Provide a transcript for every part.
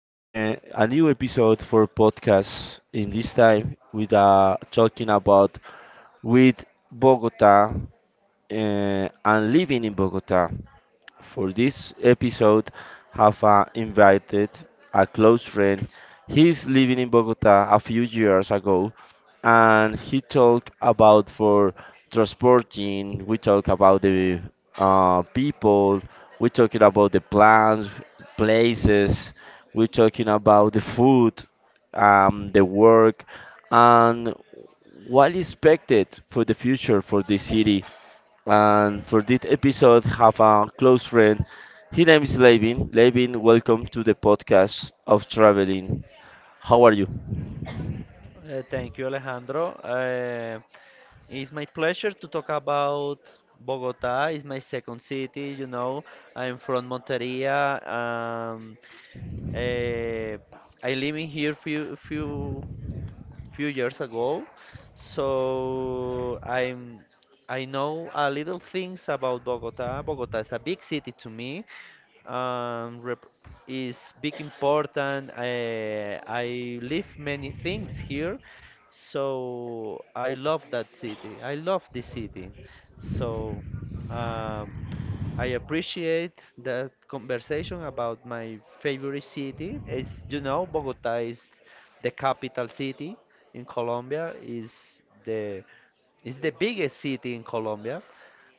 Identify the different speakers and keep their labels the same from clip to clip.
Speaker 1: A new episode for podcast. In this time, with talking about with Bogota and living in Bogota. For this episode, have invited a close friend. He's living in Bogota a few years ago, and he talked about for transporting. We talk about the people. We talking about the plans, places. We talking about the food, the work, and what is expected for the future for the city and for this episode, have a close friend. His name is Levin. Levin, welcome to the podcast of traveling. How are you?
Speaker 2: Thank you, Alejandro. It's my pleasure to talk about Bogota. It's my second city, you know. I'm from Monteria. Uh, I live here few years ago, so I know a little things about Bogota. Bogota is a big city to me, um, rep- is big important. I live many things here, so I love that city. I love this city. So, um, I appreciate that conversation about my favorite city. As you know, Bogota is the capital city in Colombia. Is the biggest city in Colombia.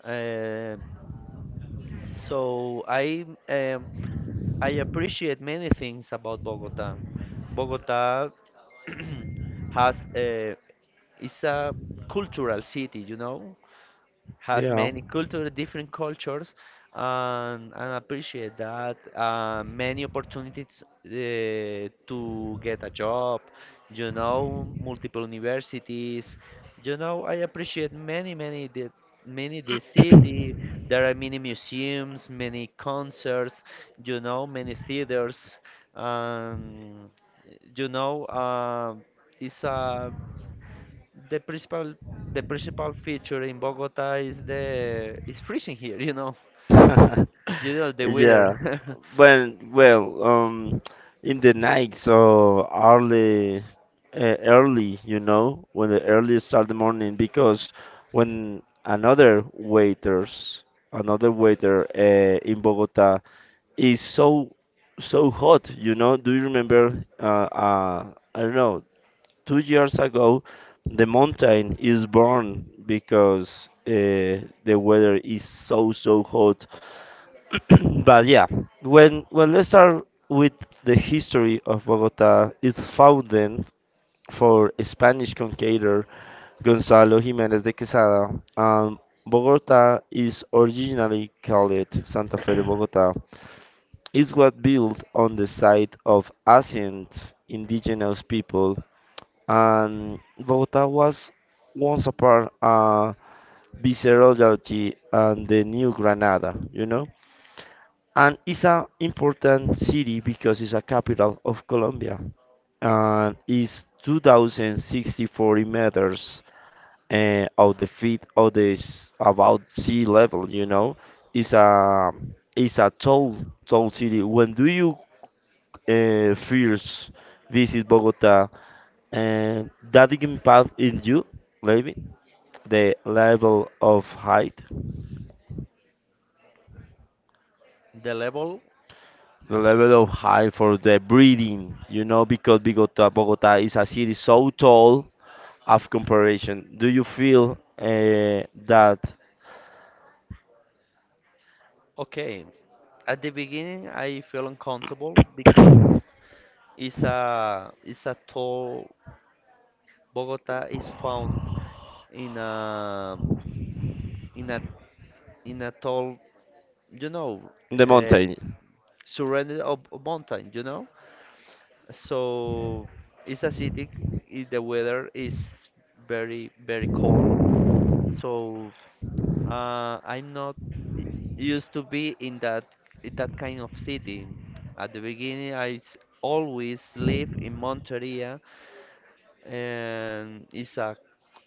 Speaker 2: Uh, so I appreciate many things about Bogota. Bogota has a, is a cultural city, you know, has
Speaker 1: Yeah.
Speaker 2: many culture, different cultures, and, appreciate that many opportunities to get a job, you know, multiple universities, you know, I appreciate many, many the city. There are many museums, many concerts, you know, many theaters, and you know, it's a the principal the principal feature in Bogota is the is freezing here, you know. You know the
Speaker 1: Yeah.
Speaker 2: weather.
Speaker 1: Well, in the night, so early, early, you know, when the early start the morning, because when another waiters, another waiter in Bogota is so, so hot, you know. Do you remember? I don't know. 2 years ago, the mountain is burned because the weather is so, so hot but yeah, when let's start with the history of Bogota, it's founded for Spanish conqueror Gonzalo Jimenez de Quesada. Um, Bogota is originally called Santa Fe de Bogota. It was built on the site of ancient indigenous people, and Bogota was once a part viceroyalty and the new Granada, you know? And it's an important city because it's a capital of Colombia, and it's 2064 meters of the feet of this about sea level, you know. It's a tall tall city. When do you first visit Bogota, and that impact in you, maybe the level of height,
Speaker 2: The level,
Speaker 1: the level of high for the breeding, you know, because Bogota is a city so tall of comparison. Do you feel that
Speaker 2: okay. At the beginning I feel uncomfortable because it's a tall. Bogota is found in a in a in a tall, you know,
Speaker 1: in the
Speaker 2: uh,
Speaker 1: mountain?
Speaker 2: surrounded of mountain, you know. So it's a city, the weather is very very cold. So I'm not y- used to be in that, kind of city. At the beginning, always live in Monteria, and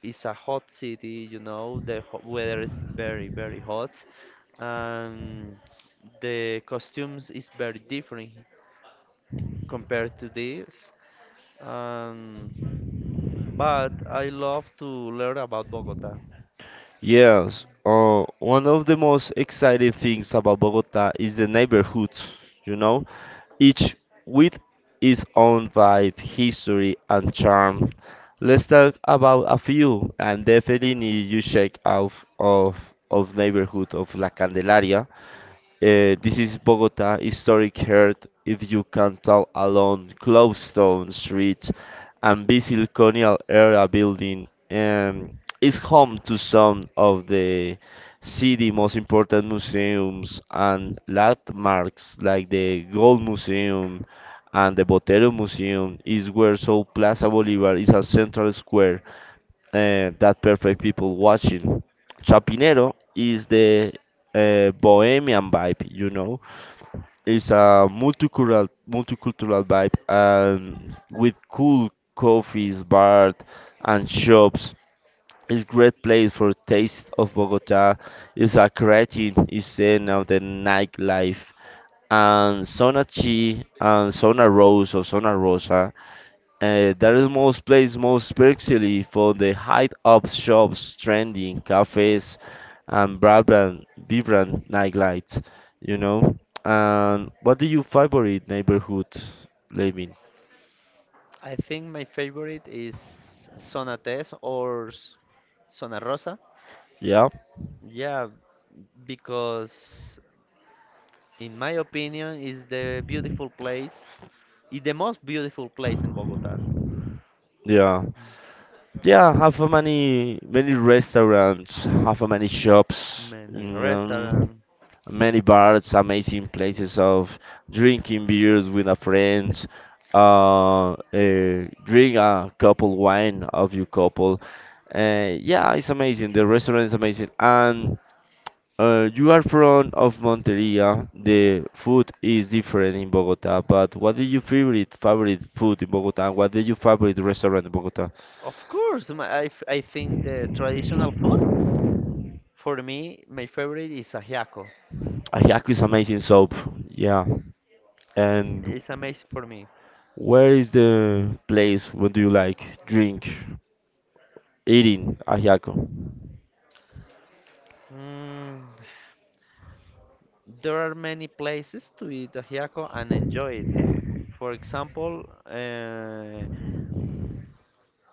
Speaker 2: it's a hot city. You know, the weather is very very hot, and the costumes is very different compared to this. Um, but I love to learn about Bogota.
Speaker 1: Yes. One of the most exciting things about Bogota is the neighborhoods, you know, each with its own vibe, history, and charm. Let's talk about a few, and definitely you check out of of neighborhood of La Candelaria. This is Bogota historic heart, if you can tell along Clovestone Street and busy colonial era building, is home to some of the city most important museums and landmarks like the Gold Museum and the Botero Museum, is where South Plaza Bolivar is a central square that perfect people watching. Chapinero is the bohemian vibe, you know. It's a multicultural vibe, and with cool coffees, bars and shops. It's great place for taste of Bogota. It's a creative scene of the nightlife, and Zona Chi and Zona Rose or Zona Rosa, that is most place most especially for the height up shops, trending cafes, and vibrant nightlights. You know. And what do you favorite neighborhood living?
Speaker 2: I think my favorite is Zona Tes or Zona Rosa.
Speaker 1: Yeah,
Speaker 2: Yeah, because in my opinion, is the beautiful place, is the most beautiful place in Bogota.
Speaker 1: yeah, yeah. Have a many many restaurants, have a many shops. You
Speaker 2: Many
Speaker 1: know.
Speaker 2: restaurants.
Speaker 1: Many bars, amazing places of drinking beers with a friends, uh, uh, drink a couple wine of your couple. Yeah, it's amazing. The restaurant is amazing, and you are from of Monteria. The food is different in Bogota. But what is your favorite food in Bogota? What is your favorite restaurant in Bogota?
Speaker 2: Of course, I think the traditional food for me, my favorite is ajiaco.
Speaker 1: Ayaku is amazing soap. Yeah, and
Speaker 2: It's amazing for me.
Speaker 1: where is the place? What do you like? Drink. Eating ajiaco.
Speaker 2: Mm, there are many places to eat ajiaco and enjoy it. For example,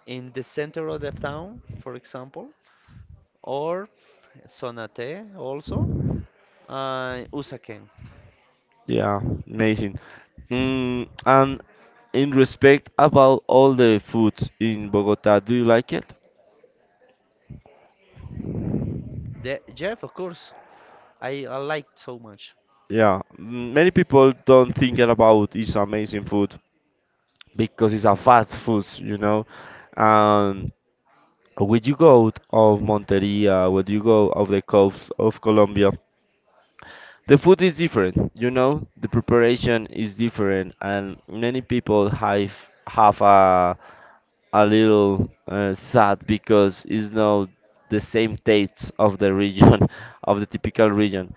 Speaker 2: in the center of the town, for example, or Sonate also, Usaken.
Speaker 1: Yeah, amazing. Mm, and in respect about all the foods in Bogota, do you like it?
Speaker 2: The, Jeff, of course, I liked so much.
Speaker 1: Yeah, many people don't think it about it's amazing food because it's a fast food, you know. And when you go out of Monteria, when you go of the coast of Colombia, the food is different, you know. The preparation is different, and many people have have a little sad because it's not the same tastes of the region, of the typical region.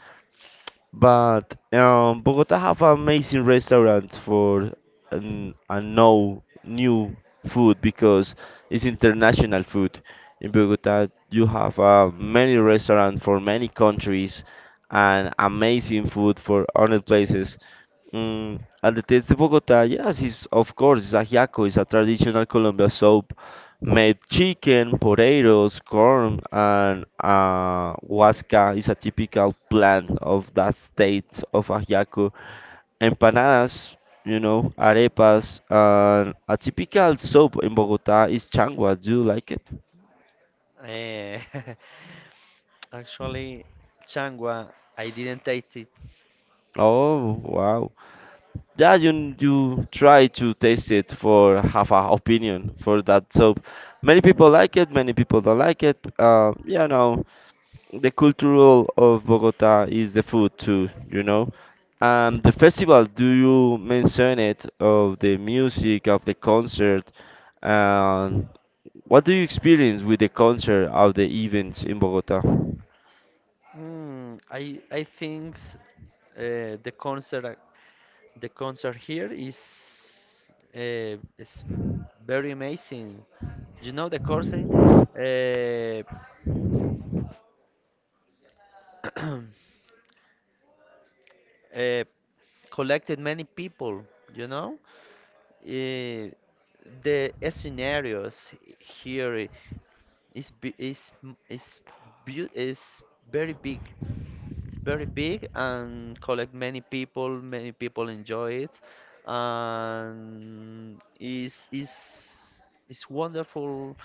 Speaker 1: But Bogota have amazing restaurants for an, a no new food because it's international food. In Bogota, you have many restaurants for many countries and amazing food for other places. Mm, and the taste of Bogota, yes, is of course, it's ajiaco, it's a traditional Colombian soup made chicken, potatoes, corn, and huasca is a typical plant of that state of Ajiaco. Empanadas, you know, arepas, and a typical soup in Bogota is changua. Do you like it?
Speaker 2: Eh, actually, Changwa, I didn't taste it.
Speaker 1: Oh, wow. Yeah, you try to taste it for have a opinion for that soup. Many people like it, many people don't like it. You know, the cultural of Bogota is the food too, you know. The festival, do you mention it of the music of the concert? And what do you experience with the concert of the events in Bogota?
Speaker 2: I think uh, the concert ac- the concert here is, uh, is m- very amazing. You know the coursing. Uh, uh, collected many people, you know. Uh, the scenarios here is bi- is m- is beau- is very big. It's very big and collect many people. Many people enjoy it, and is it's wonderful,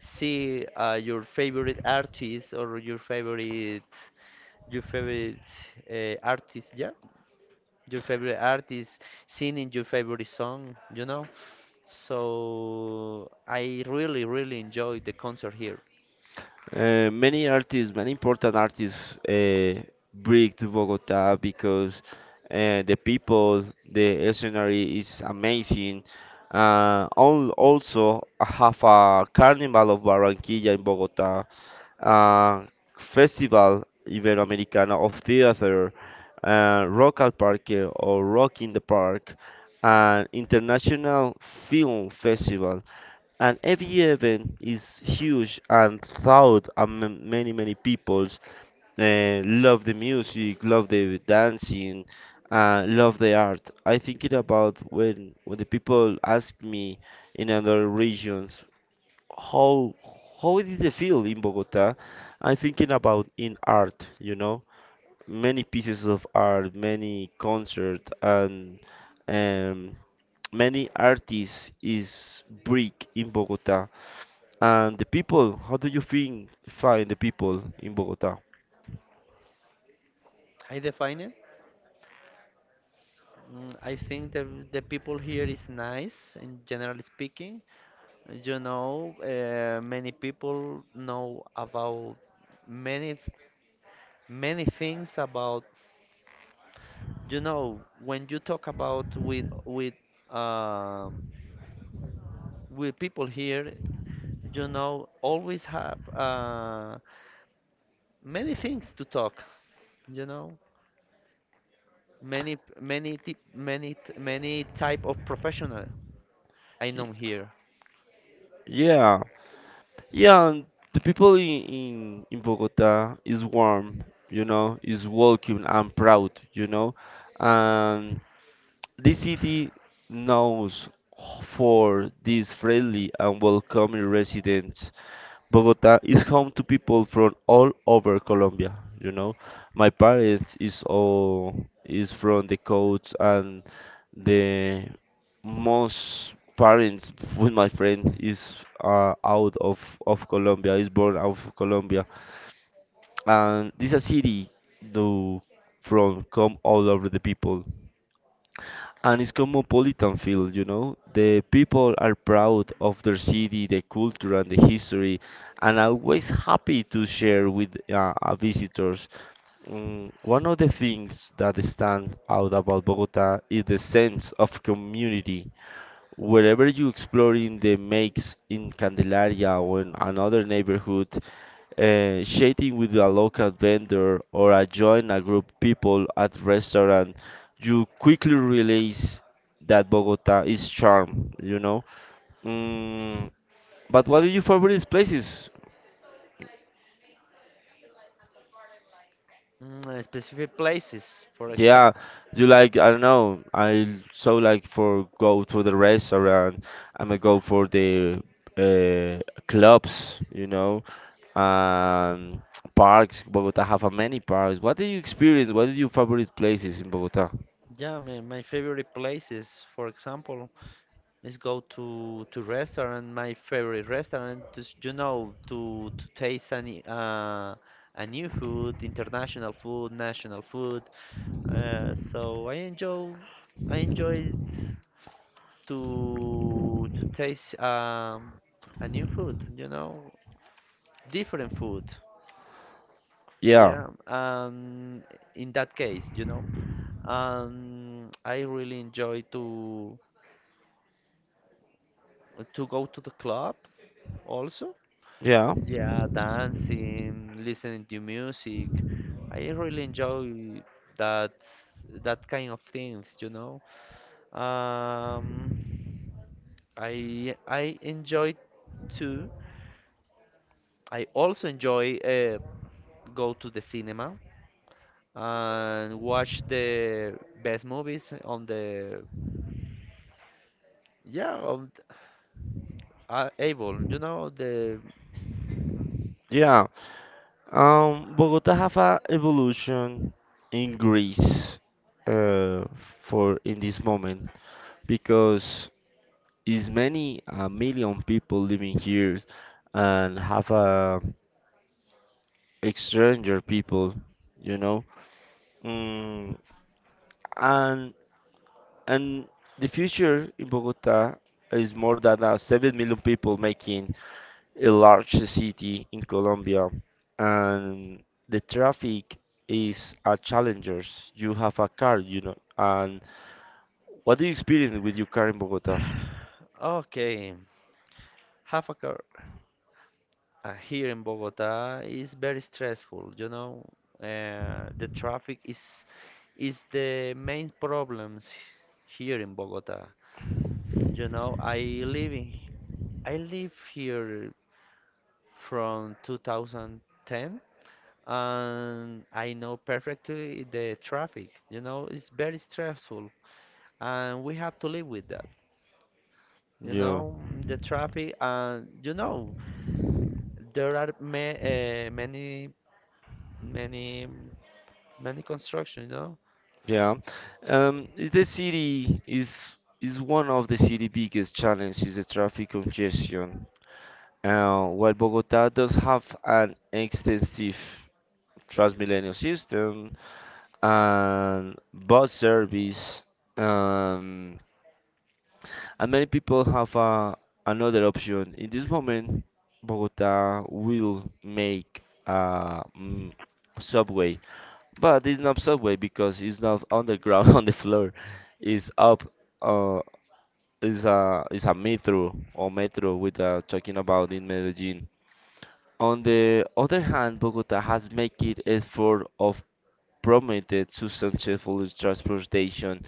Speaker 2: see your favorite artist or your favorite uh, artist. Yeah your favorite artist, singing your favorite song, you know. So I really, really enjoyed the concert here.
Speaker 1: Many artists, many important artists, bring to Bogota because the people, the scenery is amazing. Also, I have a Carnival of Barranquilla in Bogota, uh, Festival Iberoamericano of Theater, Rock al Parque or Rock in the Park, and International Film Festival. And every event is huge and loud, and many many people love the music, love the dancing, love the art. I think it about when the people ask me in other regions how did they feel in Bogota. I'm thinking about in art, you know, many pieces of art, many concert, and um, many artists is big in Bogota. And the people, how do you think find the people in Bogota?
Speaker 2: I define it. Mm, I think the people here is nice, in generally speaking. You know, many people know about many th- many things about. You know, when you talk about um with people here, you know, always have. Many things to talk, you know, many, many type of professional I know here.
Speaker 1: Yeah, yeah, and the people in, in Bogota is warm, you know, is welcome and proud, you know, and this city knows for these friendly and welcoming residents. Bogota is home to people from all over Colombia. You know, my parents is all is from the coast, and the most parents with my friend is out of Colombia. Is born out of Colombia, and this a city do from come all over the people, and it's cosmopolitan feel, you know. The people are proud of their city, the culture and the history, and always happy to share with visitors. Mm, one of the things that stand out about Bogota is the sense of community. Wherever you explore in the makes in Candelaria or in another neighborhood, chatting with a local vendor, or join a group people at restaurant, you quickly realize that Bogota is charm, you know. Mm, but what are your favorite places?
Speaker 2: Mm, specific places for
Speaker 1: Yeah,
Speaker 2: example.
Speaker 1: you like, I don't know. I so like for go to the restaurant. I'm gonna go for the uh, clubs, you know, and parks. Bogota have a many parks. What did you experience? What are your favorite places in Bogota?
Speaker 2: Yeah, my favorite places, for example, is go to restaurant, my favorite restaurant, you know, to taste any, a new food, international food, national food, so I enjoy, I enjoy it to taste, a new food, you know, different food.
Speaker 1: Yeah,
Speaker 2: Yeah, in that case, you know, I really enjoy to go to the club also.
Speaker 1: yeah.
Speaker 2: Yeah, dancing, listening to music. I really enjoy that that kind of things, you know. Um, I enjoy too. I also enjoy, go to the cinema and watch the best movies on the, yeah on, able, you know the
Speaker 1: yeah. Bogota have a evolution in Greece uh, for in this moment, because is many a million people living here, and have a stranger people, you know. Mm, and and the future in Bogota is more than 7 million people making large city in Colombia, and the traffic is a challengers. You have a car, you know, and what do you experience with your car in Bogota?
Speaker 2: okay, half a car. Here in Bogota is very stressful, you know. The traffic Is the main problems here in Bogota. You know, live in I live here from 2010, and I know perfectly the traffic. You know, it's very stressful, and we have to live with that. You
Speaker 1: Yeah,
Speaker 2: know, mm, the traffic, and you know, there are ma many, many, many constructions. You know,
Speaker 1: yeah. Is the city is one of the city biggest challenges: is the traffic congestion. While Bogota does have an extensive Transmilenio system and bus service, um, and many people have another option. In this moment, Bogota will make a mm, subway, but it's not subway because it's not underground on the floor. It's up. Uh, is a is a metro or metro with talking about in Medellin. On the other hand, Bogota has made it effort of promoted sustainable transportation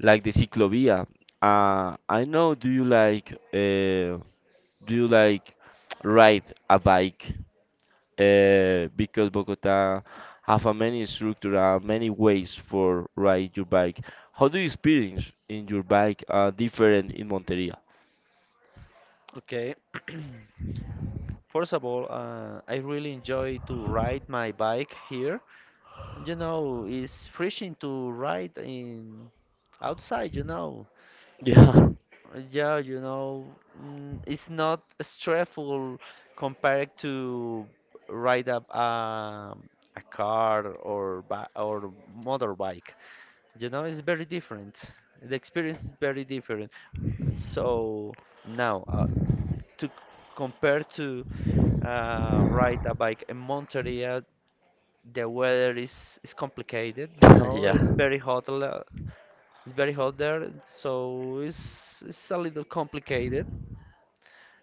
Speaker 1: like the ciclovia. I know. Do you like do you like ride a bike? Because Bogota have a many structure, many ways for ride your bike. How do you experience in your bike different in Monteria?
Speaker 2: okay. First of all, I really enjoy to ride my bike here. You know, it's refreshing to ride in outside. You know, It's
Speaker 1: Yeah,
Speaker 2: r- yeah, you know, mm, it's not stressful compared to ride up, a car or bi or motorbike. You know, it's very different. The experience is very different. So now, to c- compare to, ride a bike in Monteria, the weather is complicated. You know,
Speaker 1: yeah.
Speaker 2: it's very hot. It's very hot there, so it's a little complicated,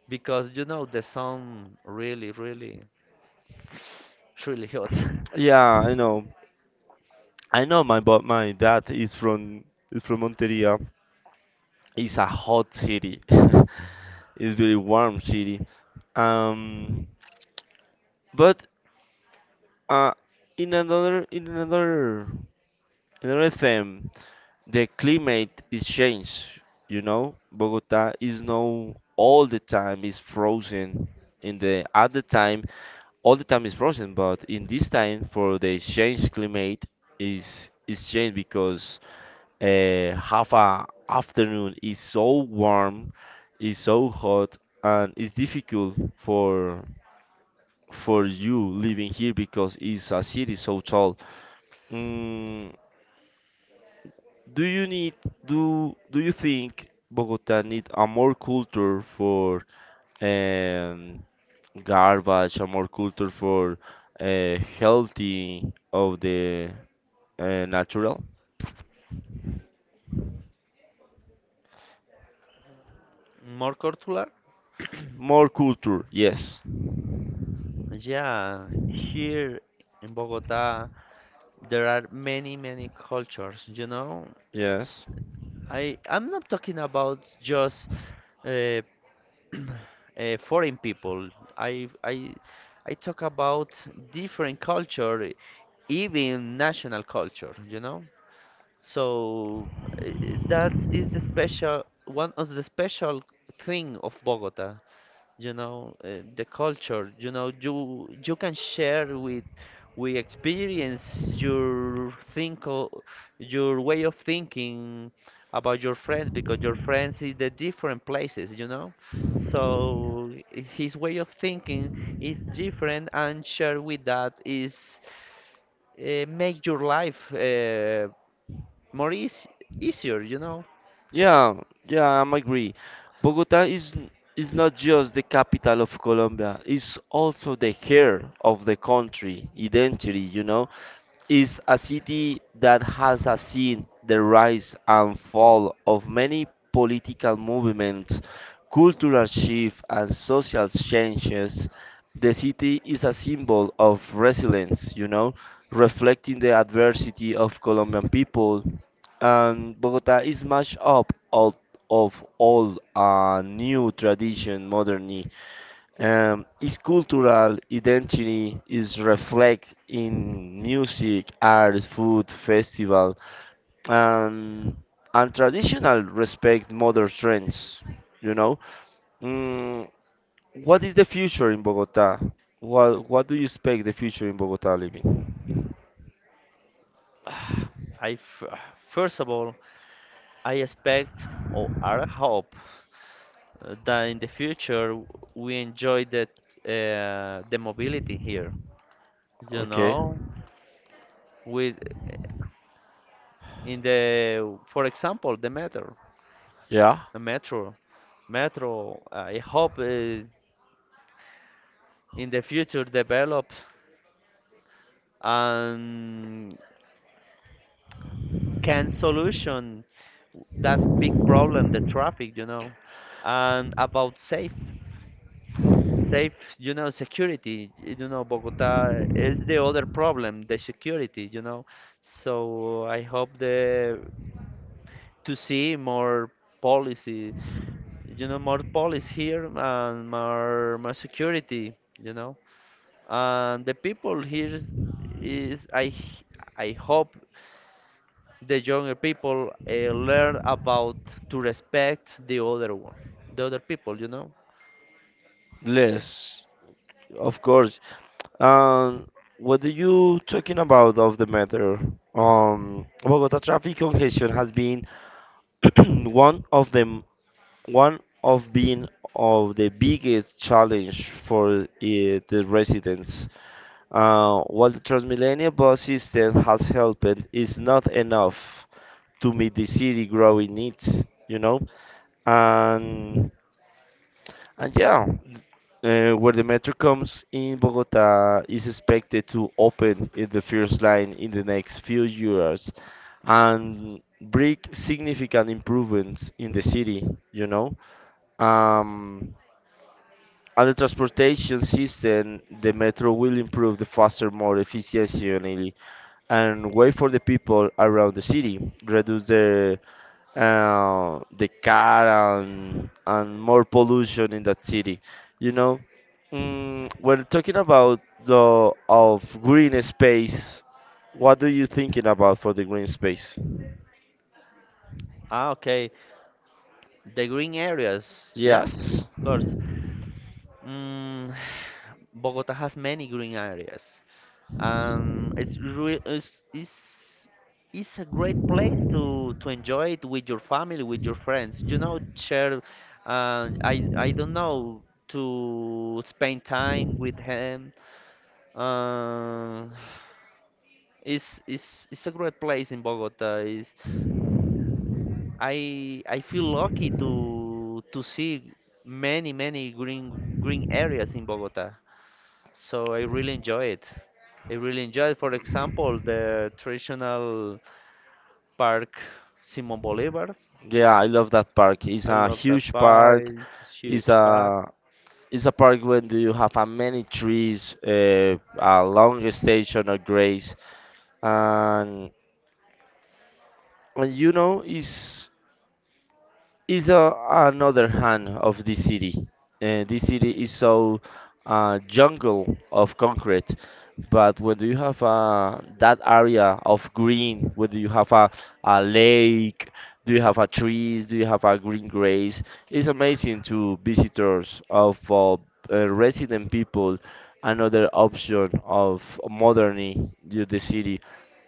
Speaker 2: because you know the song really, really, really hot.
Speaker 1: Yeah, I know. I know my, but my dad is from Monteria. It's a hot city. It's very warm city. Um, but uh, in another in another thing, the climate is changed. You know, Bogota is now all the time is frozen. In the other time, all the time is frozen. But in this time, for the change climate is changed because have a afternoon is so warm, is so hot, and it's difficult for you living here because it's a city so tall. Mm, do you need do you think Bogota need a more culture for um, garbage, a more culture for healthy of the natural?
Speaker 2: More cultural?
Speaker 1: More culture, yes,
Speaker 2: Yeah, here in Bogota there are many, many cultures. You know,
Speaker 1: yes.
Speaker 2: I'm not talking about just, uh, foreign people. I I I talk about different culture, even national culture. You know, so, uh, that is the special, one of the special thing of Bogota. You know, the culture, you know, you can share with, we experience your think, your way of thinking about your friends, because your friends is the different places, you know. So, his way of thinking is different, and share with that is, make your life, more easy, easier, you know.
Speaker 1: Yeah, yeah, I'm agree. Bogota is n- is not just the capital of Colombia, it's also the heart of the country identity, you know. It's a city that has seen the rise and fall of many political movements, cultural shift and social changes. The city is a symbol of resilience, you know, reflecting the adversity of Colombian people, and Bogota is much up out of all new tradition modernity. Its cultural identity is reflected in music, art, food, festival, and and traditional respect modern trends. You know, mm, what is the future in Bogota? What do you expect the future in Bogota living?
Speaker 2: I f- First of all, I expect or I hope that in the future we enjoy that, the mobility here. You
Speaker 1: Okay,
Speaker 2: know, with, in the, for example, the metro,
Speaker 1: yeah,
Speaker 2: the metro, metro. I hope in the future develops and can solution that big problem, the traffic. You know, and about safe. Safe, you know, security. You know, Bogota is the other problem, the security, you know. So I hope the to see more policy, you know, more police here and more, more security, you know. And the people here is, is I h- I hope the younger people learn about to respect the other one, the other people, you know.
Speaker 1: less. Of course. Um, what are you talking about of the matter? Bogota traffic congestion has been one of the one of being of the biggest challenge for the residents. While the Transmilenio bus system has helped, it's not enough to meet the city growing needs, you know. And and yeah, where the metro comes in Bogota is expected to open in the first line in the next few years and bring significant improvements in the city, you know. Um, and the transportation system, the metro will improve the faster, more efficiently and wait for the people around the city, reduce the car and more pollution in that city. You know, when talking about the of green space, what do you thinking about for the green space?
Speaker 2: Ah, okay. The green areas, yeah,
Speaker 1: Yes,
Speaker 2: of course. Mm, Bogota has many green areas. It's real. It's a great place to enjoy it with your family, with your friends. You know, share. I don't know to spend time with him. Uh, it's a great place in Bogota. Is I feel lucky to see many, many green, green areas in Bogota. So I really enjoy it. I really enjoy it. For example, the traditional park Simon Bolivar.
Speaker 1: yeah, I love that park. It's
Speaker 2: I
Speaker 1: a
Speaker 2: love that
Speaker 1: huge
Speaker 2: park.
Speaker 1: park.
Speaker 2: It's
Speaker 1: It's
Speaker 2: huge park.
Speaker 1: a it's a park when do you have a many trees, a long station of grace and And you know, is a, another hand of this city. This city is so jungle of concrete, but when do you have that area of green, whether you have a lake, do you have a trees, do you have a green grass, it's amazing to visitors of resident people. Another option of moderning the city.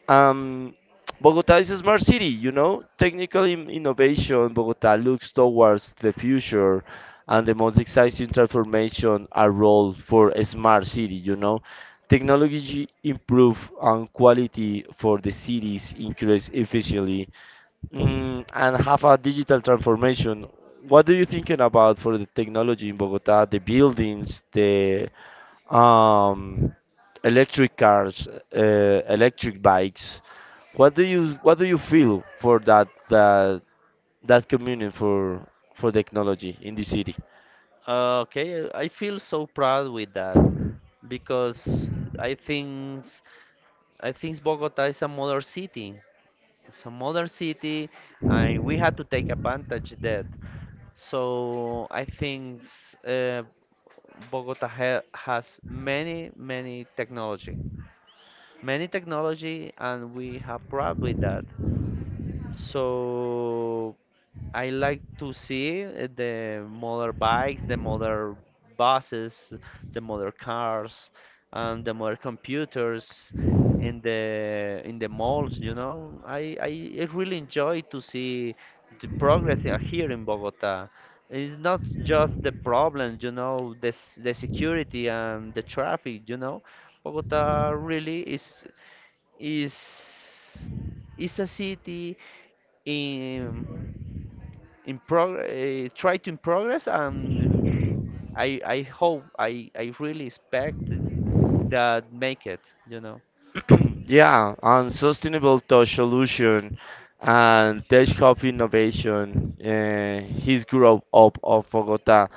Speaker 1: Um, Bogota is a smart city, you know. Technical innovation, Bogota looks towards the future and the most exciting transformation are role for a smart city, you know. Technology improve on quality for the cities, increase efficiently, and have a digital transformation. What do you thinking about for the technology in Bogota, the buildings, the um, electric cars, electric bikes. What do you feel for that communion for technology in the city?
Speaker 2: Okay, I feel so proud with that because I think I think Bogota is a modern city, some other city, and we had to take advantage that. So I think uh, Bogota ha has many, many technology, and we have proud with that. So I like to see, the motor bikes, the motor buses, the motor cars, and the motor computers in the malls, you know. I really enjoy to see the progress here in Bogota. It's not just the problems, you know, the security and the traffic, you know. Bogota really is is a city in, try to in progress. And I hope, I really expect that, make it, you know.
Speaker 1: Yeah, on sustainable touch solution and tech hub innovation, his growth up of Bogota.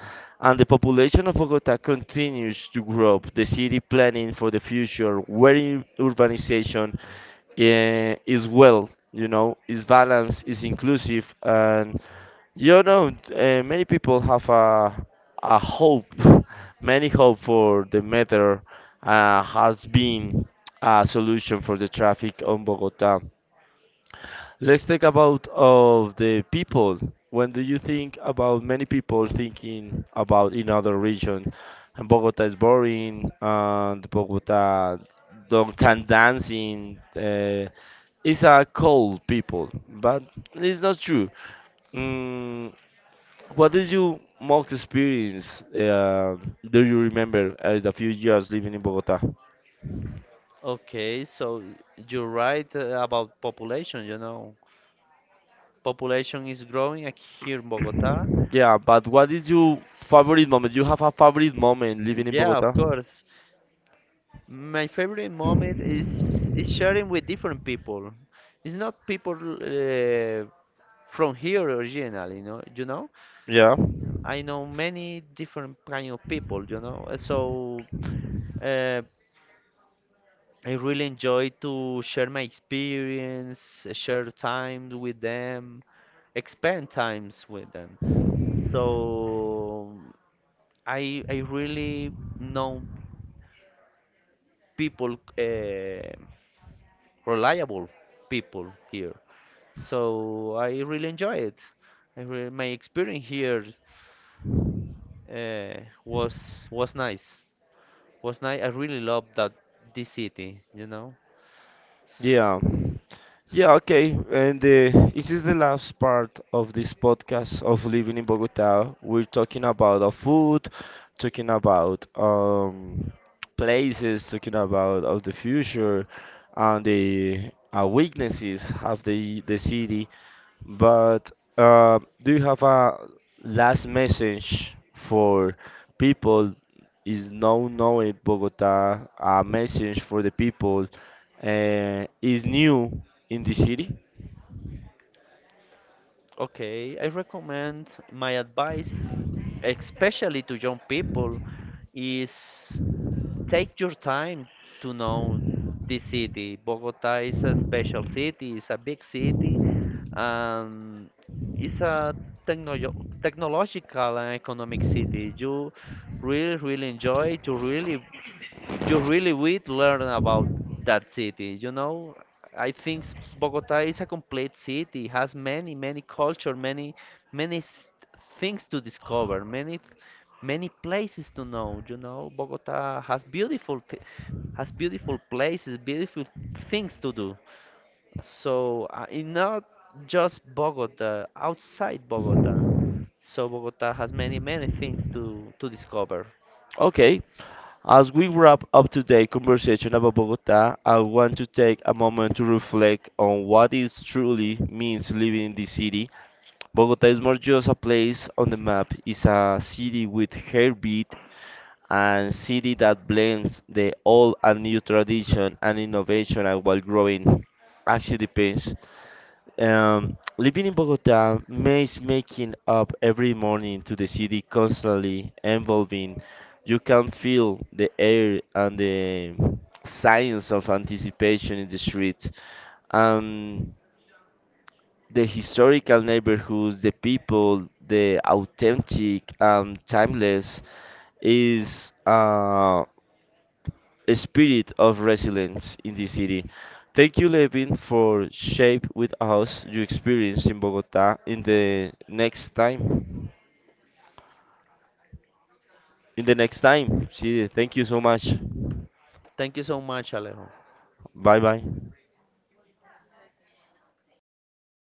Speaker 1: And the population of Bogota continues to grow. The city planning for the future, where urbanization is well, you know, is balanced, is inclusive, and you know, many people have a hope, many hope for the matter has been a solution for the traffic on Bogota. Let's talk about of the people. When do you think about many people thinking about in other region, and Bogota is boring, and Bogota don't can dancing. It's a cold people, but it's not true. Mm, what did you most experience? Do you remember the few years living in Bogota?
Speaker 2: Okay, so you're right, about population, you know, population is growing ac- here in Bogota.
Speaker 1: Yeah, but what is your favorite moment? You have a favorite moment living in
Speaker 2: Yeah,
Speaker 1: Bogota?
Speaker 2: of course, my favorite moment is sharing with different people. It's not people, from here originally, you know,
Speaker 1: Yeah.
Speaker 2: I know many different kind of people, you know. So, uh, I really enjoy to share my experience, share time with them, expand times with them. So I really know people, reliable people here. So I really enjoy it. I re My experience here, uh, was was nice. Was nice. I really love that this city, you know. S-
Speaker 1: Yeah. Yeah, okay. And this is the last part of this podcast of living in Bogota. We're talking about food, talking about places, talking about of the future and the weaknesses of the city. But do you have a last message for people is now knowing Bogota? A message for the people is new in the city.
Speaker 2: Okay, I recommend my advice, especially to young people, is take your time to know this city. Bogota is a special city, it's a big city, and it's a techno technological and economic city. You really, really enjoy it. You really, you really would learn about that city. You know, Bogota is a complete city. It has many, many culture, many s- things to discover, many, many places to know. You know, Bogota has beautiful, th has beautiful places, beautiful things to do. So, in not just Bogota, outside Bogota. So Bogota has many, many things to discover.
Speaker 1: Okay. As we wrap up today's conversation about Bogota, I want to take a moment to reflect on what it truly means living in the city. Bogota is more just a place on the map, it's a city with heartbeat, and city that blends the old and new tradition and innovation and while growing actually depends. Living in Bogota means making up every morning to the city constantly evolving. You can feel the air and the science of anticipation in the street. Um, the historical neighborhoods, the people, the authentic, timeless is. Spirit of resilience in the city. Thank you, Levin, for shape with us your experience in Bogota in the next time. In the next time, see you. Thank you so much.
Speaker 2: Thank you so much, Alejo.
Speaker 1: Bye bye.